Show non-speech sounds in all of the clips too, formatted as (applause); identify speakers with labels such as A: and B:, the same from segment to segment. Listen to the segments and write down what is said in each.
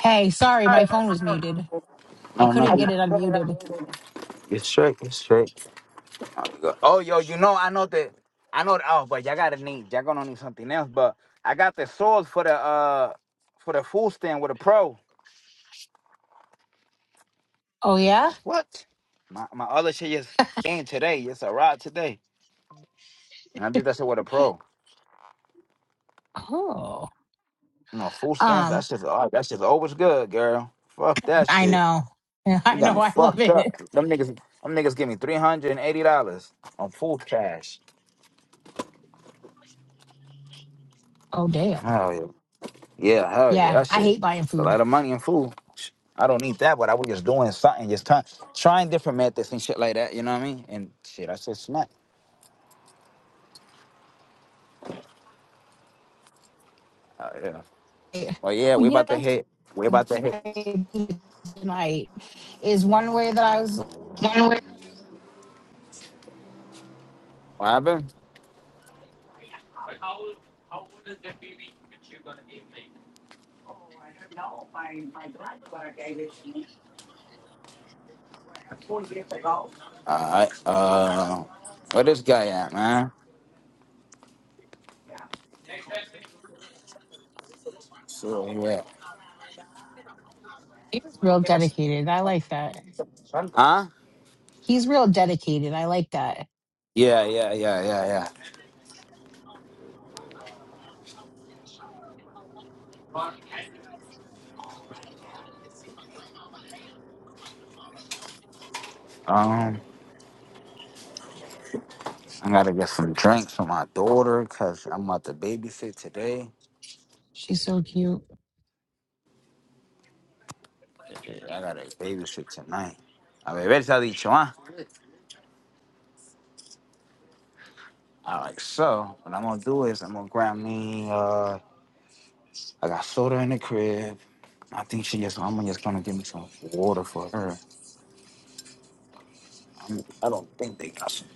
A: Hey, sorry, my phone was muted. I couldn't get it unmuted.
B: It's straight. It's straight. Oh, you go- oh, yo, you know, I know that. I know. Oh, but y'all gotta need. Y'all gonna need something else. But I got the swords for the uh for the food stand with a pro.
A: Oh yeah?
B: What? My my other shit just came today. It's a rod today, and I did that shit with a pro.
A: Oh.
B: No know, food stamps.
A: Um,
B: That's just oh, that's just always good, girl. Fuck that
A: I
B: shit.
A: know. (laughs)
B: You
A: I
B: got
A: know
B: me
A: I love
B: fucked up.
A: it.
B: Them niggas. Them niggas give me three hundred and eighty dollars on food cash.
A: Oh damn.
B: Oh yeah. Yeah, hell yeah,
A: Yeah,
B: that
A: I
B: shit.
A: hate buying
B: a
A: food.
B: lot of money and food. Sh- I don't need that, but I was just doing something, just trying, trying different methods and shit like that. You know what I mean? And shit, I said smack. Oh yeah.
A: Eh,
B: Well, yeah,
A: Well,
B: we
A: you
B: about to
A: know,
B: hit. We about to
A: (laughs)
B: hit.
A: I- tonight is one way that I was
B: What happened? All right. Uh, where this guy at, man? So where you at?
A: he was real dedicated. I like that.
B: Huh?
A: He's real dedicated. I like that.
B: Yeah, yeah, yeah, yeah, yeah. Um, I gotta get some drinks for my daughter cause I'm about to babysit today.
A: She's so cute.
B: I gotta babysit tonight. A ver, sabicho, ¿ah? All right, so what I'm gonna do is I'm gonna grab me. Uh, I got soda in the crib. I think she just. I'm just gonna give me some water for her. I'm, I don't think they got some.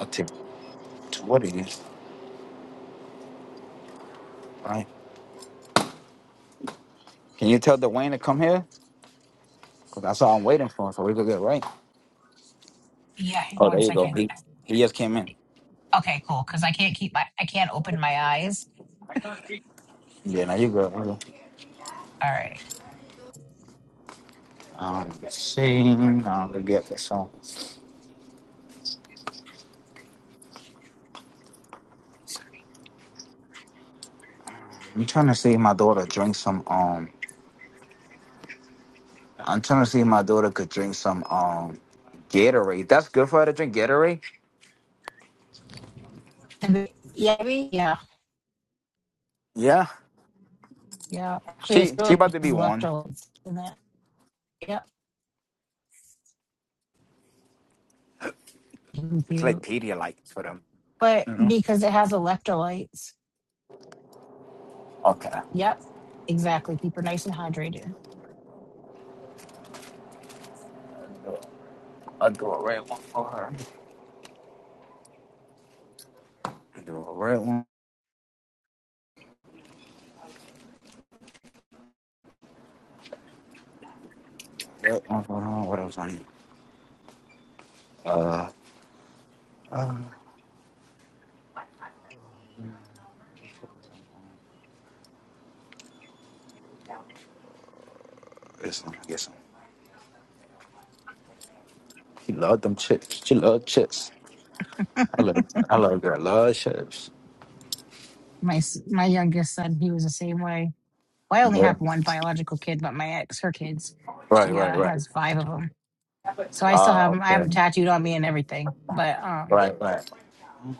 B: I think to what it is, right? Can you tell Dwayne to come here? Cause that's all I'm waiting for. So we could get right.
A: Yeah, hang on
B: Oh, there
A: one
B: you go.
A: second.
B: He he just came in.
A: Okay, cool. Cause I can't keep my I can't open my eyes
B: Yeah, now you good. Okay.
A: All right.
B: Um, let's see, now we get this. So I'm trying to see if my daughter drink some. Um, I'm trying to see if my daughter could drink some. Um, Gatorade. That's good for her to drink Gatorade.
A: And yeah, yeah,
B: Yeah,
A: yeah. Actually, it's
B: she she
A: really
B: about
A: good
B: to be
A: as
B: one.
A: electrolytes in that. Yep. Thank
B: It's like
A: you.
B: Pedialyte for them,
A: But
B: you know.
A: because it has electrolytes.
B: Okay,
A: Yep. Exactly. Keep her nice and hydrated.
B: I'll do a red one for her. I'll do a red one. Red one for her. What else I need? Uh, this one. this one. She loved them chips. She loved chips. I love I love girl. Love chips.
A: My s- my youngest son, he was the same way. Well, I only
B: Yeah.
A: have one biological kid, but my ex, her kids,
B: Right.
A: she
B: Right.
A: uh,
B: Right.
A: has five of them. So I still
B: Ah.
A: have 'em- I have
B: okay.
A: them tattooed on me and everything. But um,
B: Right. Right.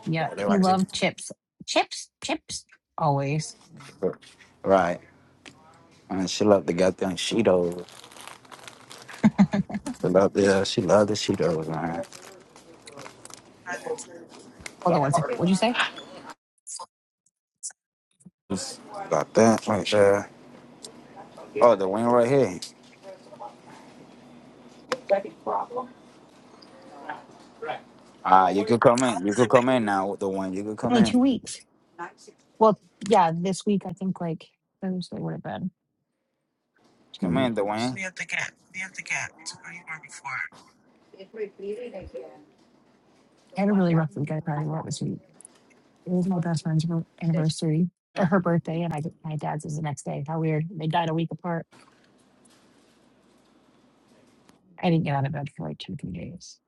A: yeah,
B: They
A: he
B: like this.
A: loved chips, chips, chips, always.
B: Right. And she loved the goddamn Cheetos. She loved the she loved the Cheetos, man.
A: Hold on one second. What'd you say?
B: Just got that right there. Oh, the wing right here. Ah, you could come in. You could come in now, the one. You could come
A: Only
B: in.
A: two weeks. Well, yeah, this week I think like Thursday would have been
B: Come
A: two
B: in, the
A: weeks.
B: one.
A: We have the gap. We have the gap. to where you were before. I had a really rough week. I probably wore it this week. It was my best friend's bir- anniversary or her birthday, and I my dad's is the next day. How weird! They died a week apart. I didn't get out of bed for like two three days.